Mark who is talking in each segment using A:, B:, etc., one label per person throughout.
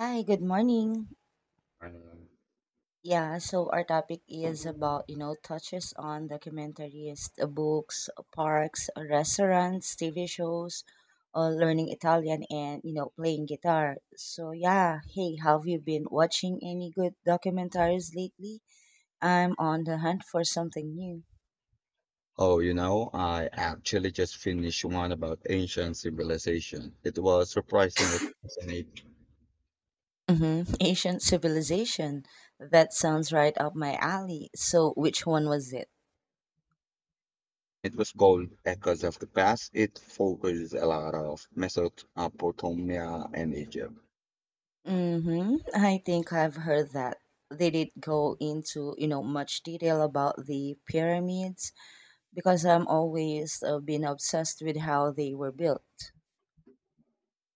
A: Hi, good morning.
B: Um,
A: Yeah, so our topic is about, you know, touches on documentaries, the books, parks, restaurants, TV shows, learning Italian and, you know, playing guitar. So, yeah, hey, have you been watching any good documentaries lately? I'm on the hunt for something new.
B: Oh, you know, I actually just finished one about ancient civilization. It was surprisingly fascinating.
A: Mm-hmm. Ancient civilization. That sounds right up my alley. So, which one was it?
B: It was called Echoes of the Past. It focused a lot of Mesopotamia and Egypt.
A: Mm-hmm. I think I've heard that. They did go into, you know, much detail about the pyramids because I'm always been obsessed with how they were built.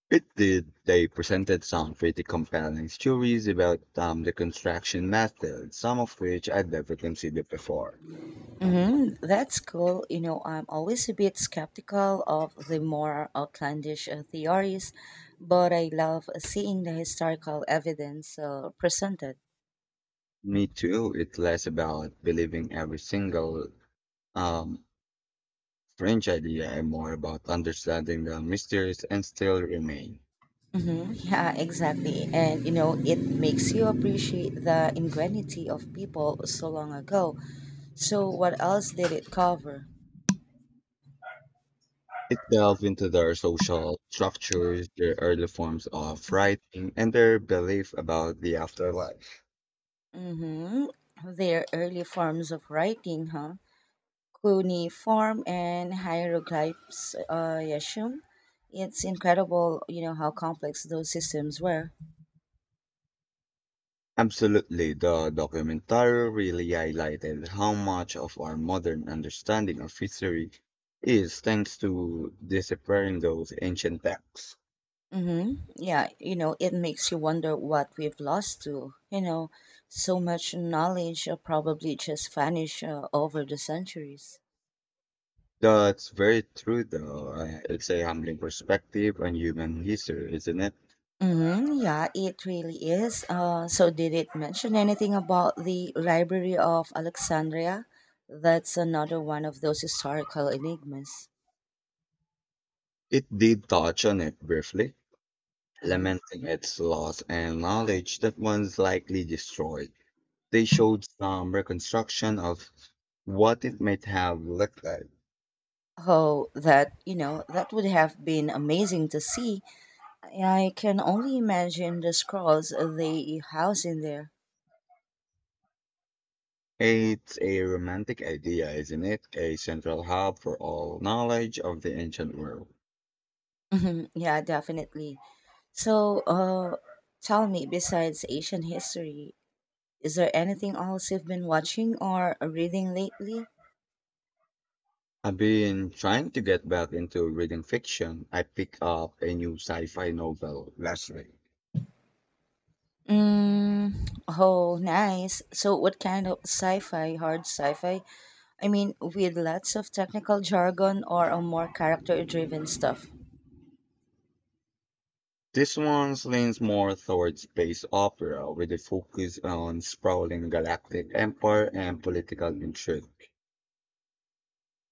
B: It did. They presented some pretty compelling stories about the construction method, some of which I'd never considered before.
A: Mm-hmm. That's cool. You know, I'm always a bit skeptical of the more outlandish theories, but I love seeing the historical evidence presented.
B: Me too. It's less about believing every single um, French idea and more about understanding the mysteries and still remain.
A: Mm-hmm. Yeah, exactly. And, you know, it makes you appreciate the ingenuity of people so long ago. So, what else did it cover?
B: It delved into their social structures, their early forms of writing, and their belief about the afterlife.
A: Hmm. Their early forms of writing, huh? Cuneiform and hieroglyphs, I assume. It's incredible, you know, how complex those systems were.
B: Absolutely, the documentary really highlighted how much of our modern understanding of history is thanks to disappearing those ancient texts.
A: Hmm. Yeah, you know, it makes you wonder what we've lost to. You know, so much knowledge probably just vanished over the centuries.
B: That's very true, though. It's a humbling perspective on human history, isn't it?
A: Mm-hmm. Yeah, it really is. So, did it mention anything about the Library of Alexandria? That's another one of those historical enigmas.
B: It did touch on it briefly,
A: Mm-hmm.
B: lamenting its loss and knowledge that once likely destroyed. They showed some reconstruction of what it might have looked like.
A: Oh, that, you know, that would have been amazing to see. I can only imagine the scrolls they house in there.
B: It's a romantic idea, isn't it? A central hub for all knowledge of the ancient world.
A: Mhm. Yeah, definitely. So, tell me, besides Asian history, is there anything else you've been watching or reading lately?
B: I've been trying to get back into reading fiction. I picked up a new sci-fi novel last week.
A: Mm, oh, nice. So, what kind of sci fi, hard sci fi? I mean, with lots of technical jargon or a more character driven stuff?
B: This one leans more towards space opera with a focus on sprawling galactic empire and political intrigue.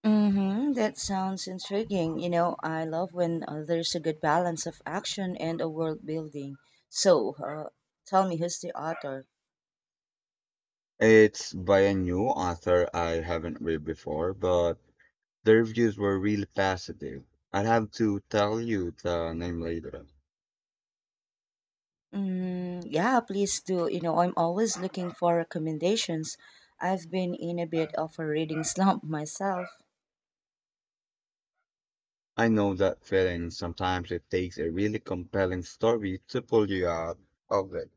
A: Mm-hmm, that sounds intriguing. You know, I love when there's a good balance of action and a world building. So, tell me, who's the author?
B: It's by a new author I haven't read before, but the reviews were really positive. I'll have to tell you the name later.
A: Mm, yeah, please do. You know, I'm always looking for recommendations. I've been in a bit of a reading slump myself.
B: I know that feeling. Sometimes it takes a really compelling story to pull you out of it.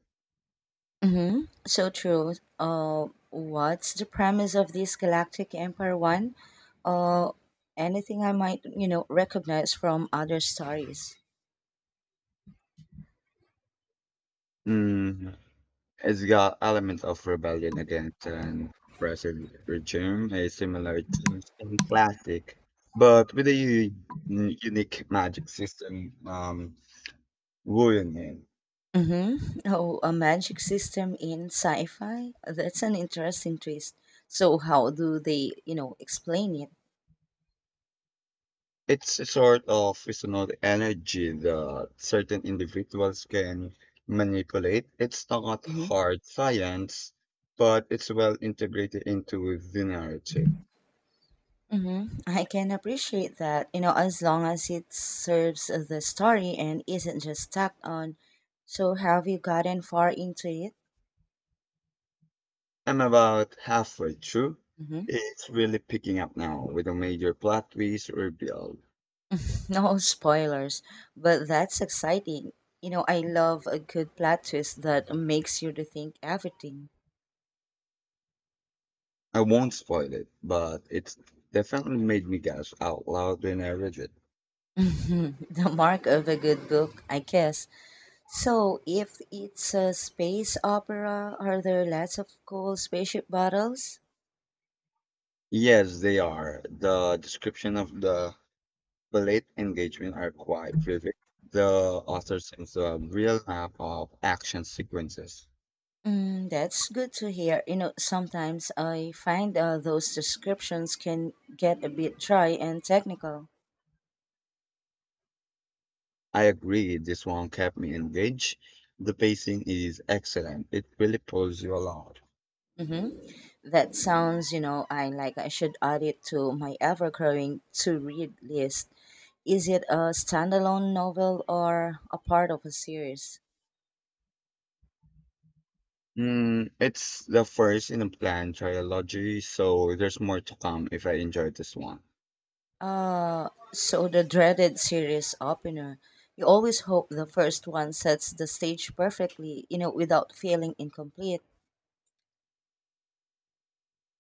A: Mm-hmm. So true. What's the premise of this Galactic Empire one? Uh, anything I might, you know, recognize from other stories.
B: Mm, it's got elements of rebellion against an oppressive regime, a similar to in classic, but with a unique magic system ruining it.
A: Mm-hmm. Oh, a magic system in sci-fi. That's an interesting twist. So, how do they, you know, explain it?
B: It's a sort of seasonal energy that certain individuals can manipulate. It's not
A: Mm-hmm.
B: hard science, but it's well integrated into the narrative.
A: Mm-hmm. I can appreciate that, you know, as long as it serves the story and isn't just stuck on. So, have you gotten far into it?
B: I'm about halfway through.
A: Mm-hmm.
B: It's really picking up now with a major plot twist revealed.
A: No spoilers, but that's exciting. You know, I love a good plot twist that makes you rethink everything.
B: I won't spoil it, but it's definitely made me gasp out loud when I read it.
A: The mark of a good book, I guess. So, if it's a space opera, are there lots of cool spaceship battles?
B: Yes, they are. The description of the late engagement are quite vivid. The author seems to have real map of action sequences.
A: Mm, that's good to hear. You know, sometimes I find those descriptions can get a bit dry and technical.
B: I agree, this one kept me engaged. The pacing is excellent. It really pulls you along.
A: Mm-hmm. That sounds, you know, I like I should add it to my ever-growing to-read list. Is it a standalone novel or a part of a series?
B: Mm, it's the first in a planned trilogy, so there's more to come if I enjoy this one.
A: So the dreaded series opener. You always hope the first one sets the stage perfectly, you know, without feeling incomplete.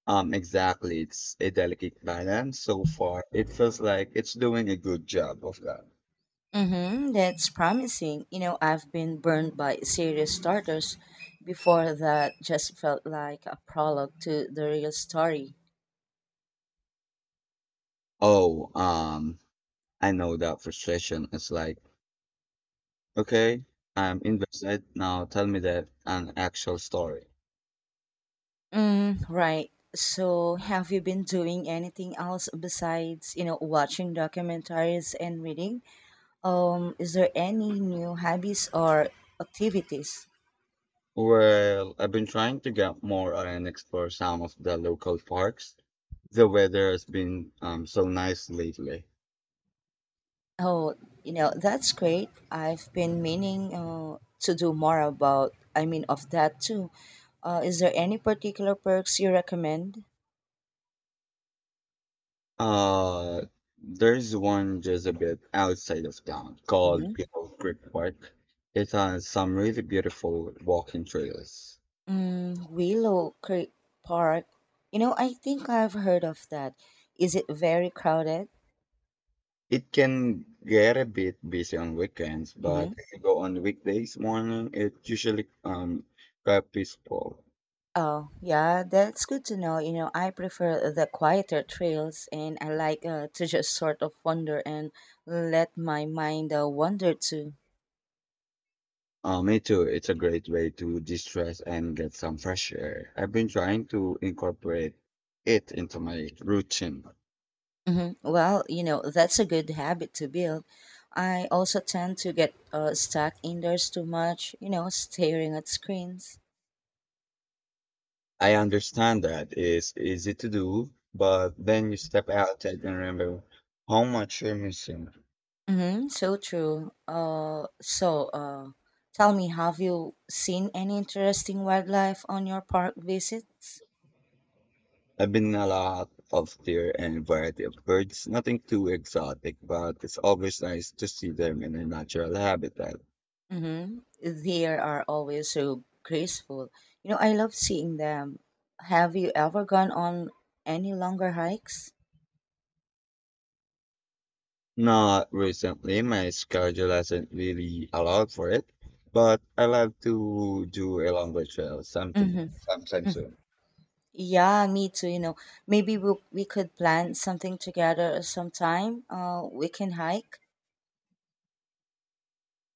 B: Exactly. It's a delicate balance. So far, it feels like it's doing a good job of that.
A: Mm-hmm, that's promising. You know, I've been burned by serious starters before that just felt like a prologue to the real story.
B: Oh, I know that frustration. It's like, okay, I'm invested. Now tell me that an actual story.
A: Mm, right. So, have you been doing anything else besides, you know, watching documentaries and reading? Is there any new hobbies or activities?
B: Well, I've been trying to get more and explore some of the local parks. The weather has been so nice lately.
A: Oh, you know, that's great. I've been meaning to do more about, I mean, of that too. Is there any particular perks you recommend?
B: Uh, there's one just a bit outside of town called
A: Mm-hmm.
B: Beagle Creek Park. It has some really beautiful walking trails.
A: Mm, Willow Creek Park. You know, I think I've heard of that. Is it very crowded?
B: It can get a bit busy on weekends, but
A: Mm-hmm.
B: if you go on weekdays morning, it usually quite peaceful.
A: Oh, yeah, that's good to know. You know, I prefer the quieter trails and I like to just sort of wander and let my mind wander too.
B: Me too. It's a great way to de-stress and get some fresh air. I've been trying to incorporate it into my routine.
A: Hmm. Well, you know, that's a good habit to build. I also tend to get stuck indoors too much, you know, staring at screens.
B: I understand that it's easy to do, but then you step out and remember how much you're missing.
A: Mm-hmm, so true. So, tell me, have you seen any interesting wildlife on your park visits?
B: I've been a lot of deer and variety of birds, nothing too exotic, but it's always nice to see them in their natural habitat.
A: Mm-hmm. They are always so graceful. You know, I love seeing them. Have you ever gone on any longer hikes?
B: Not recently. My schedule hasn't really allowed for it, but I love to do a longer trail something
A: Mm-hmm.
B: sometime soon.
A: Yeah, me too. You know, maybe we could plan something together sometime. We can hike.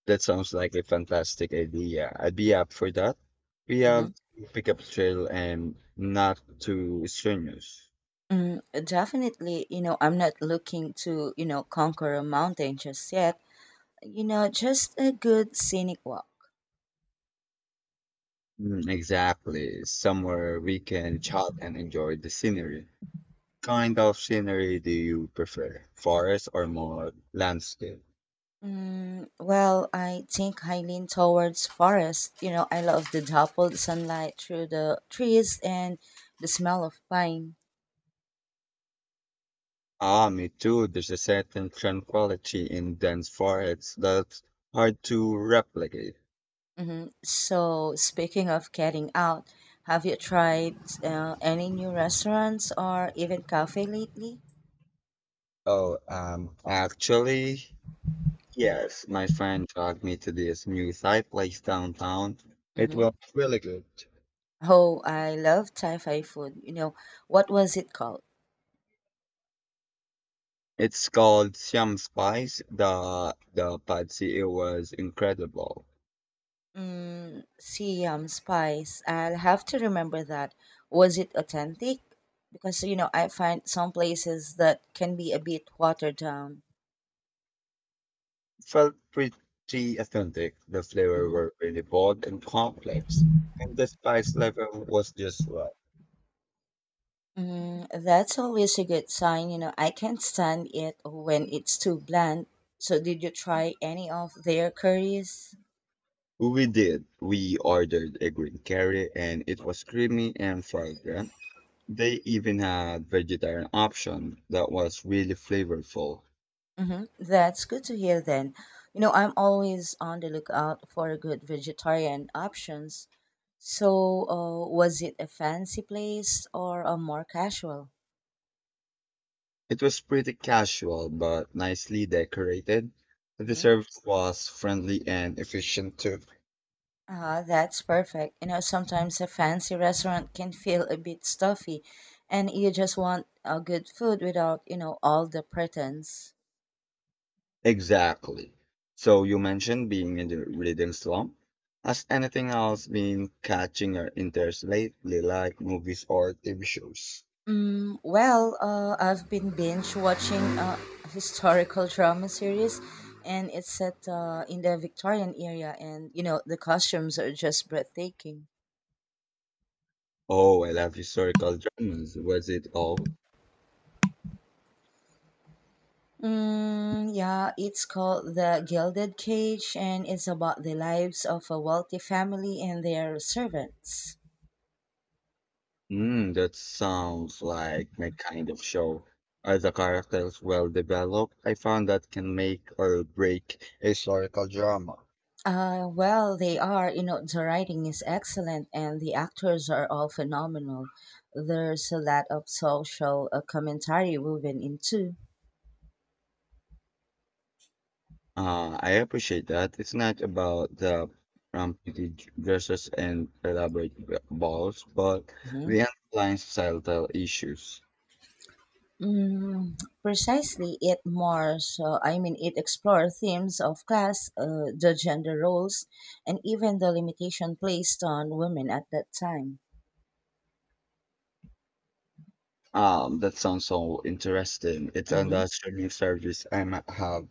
B: That sounds like a fantastic idea. I'd be up for that. We
A: Mm-hmm.
B: have to pick up trail and not too strenuous.
A: Mm, definitely. You know, I'm not looking to you know conquer a mountain just yet. You know, just a good scenic walk.
B: Mm, exactly. Somewhere we can chat and enjoy the scenery. Kind of scenery do you prefer? Forest or more landscape?
A: Mm, well, I think I lean towards forest. You know, I love the dappled sunlight through the trees and the smell of pine.
B: Ah, me too. There's a certain tranquility in dense forests that's hard to replicate.
A: Hmm. So, speaking of getting out, have you tried any new restaurants or even cafe lately?
B: Oh, actually, yes, my friend dragged me to this new Thai place downtown. It
A: Hmm.
B: was really good.
A: Oh, I love Thai food. You know, what was it called?
B: It's called Siam Spice. The pad see it was incredible.
A: Mm, Siam spice. I'll have to remember that. Was it authentic? Because you know, I find some places that can be a bit watered down.
B: Felt pretty authentic. The flavor
A: Hmm.
B: were really bold and complex, and the spice level was just right.
A: Mm, that's always a good sign. You know, I can't stand it when it's too bland. So, did you try any of their curries?
B: We did. We ordered a green curry and it was creamy and fragrant. They even had vegetarian option that was really flavorful.
A: Hmm. That's good to hear then. You know, I'm always on the lookout for good vegetarian options. So, was it a fancy place or a more casual?
B: It was pretty casual but nicely decorated. The
A: Mm-hmm.
B: service was friendly and efficient too.
A: Ah, that's perfect. You know, sometimes a fancy restaurant can feel a bit stuffy, and you just want good food without, you know, all the pretense.
B: Exactly. So you mentioned being in the reading slump. Has anything else been catching your interest lately, like movies or TV shows?
A: Well, I've been binge watching a historical drama series, and it's set in the Victorian era, and you know the costumes are just breathtaking.
B: Oh, I love historical dramas. Was it all?
A: Mm, yeah, it's called The Gilded Cage, and it's about the lives of a wealthy family and their servants.
B: Mm, that sounds like my kind of show. Are the characters well developed? I found that can make or break a historical drama.
A: Well, they are, you know, the writing is excellent, and the actors are all phenomenal. There's a lot of social commentary woven into.
B: I appreciate that. It's not about the rampant dresses and elaborate balls, but the underlying societal issues.
A: Mm, precisely, it more so. I mean, it explores themes of class, the gender roles, and even the limitation placed on women at that time.
B: That sounds so interesting. It's on
A: Hmm.
B: the streaming service I might have.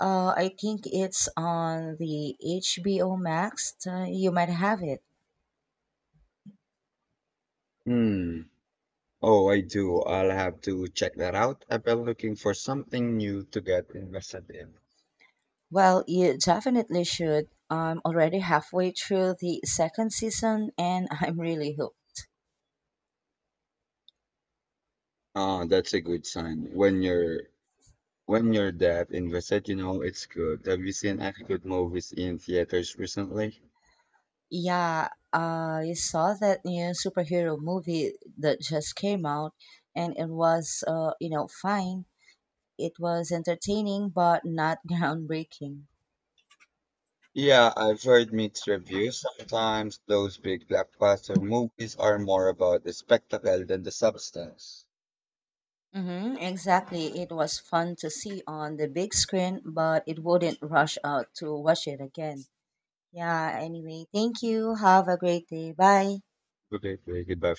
A: I think it's on the HBO Max. You might have it.
B: Hmm. Oh, I do. I'll have to check that out. I've been looking for something new to get invested in.
A: Well, you definitely should. I'm already halfway through the second season, and I'm really hooked.
B: Ah, that's a good sign. When you're that invested, you know it's good. Have you seen any good movies in theaters recently?
A: Yeah, I saw that new superhero movie that just came out, and it was, you know, fine. It was entertaining, but not groundbreaking.
B: Yeah, I've heard mixed reviews. Sometimes those big blockbuster movies are more about the spectacle than the substance.
A: Hmm, exactly. It was fun to see on the big screen, but it wouldn't rush out to watch it again. Yeah, anyway, thank you. Have a great day. Bye.
B: Okay, goodbye.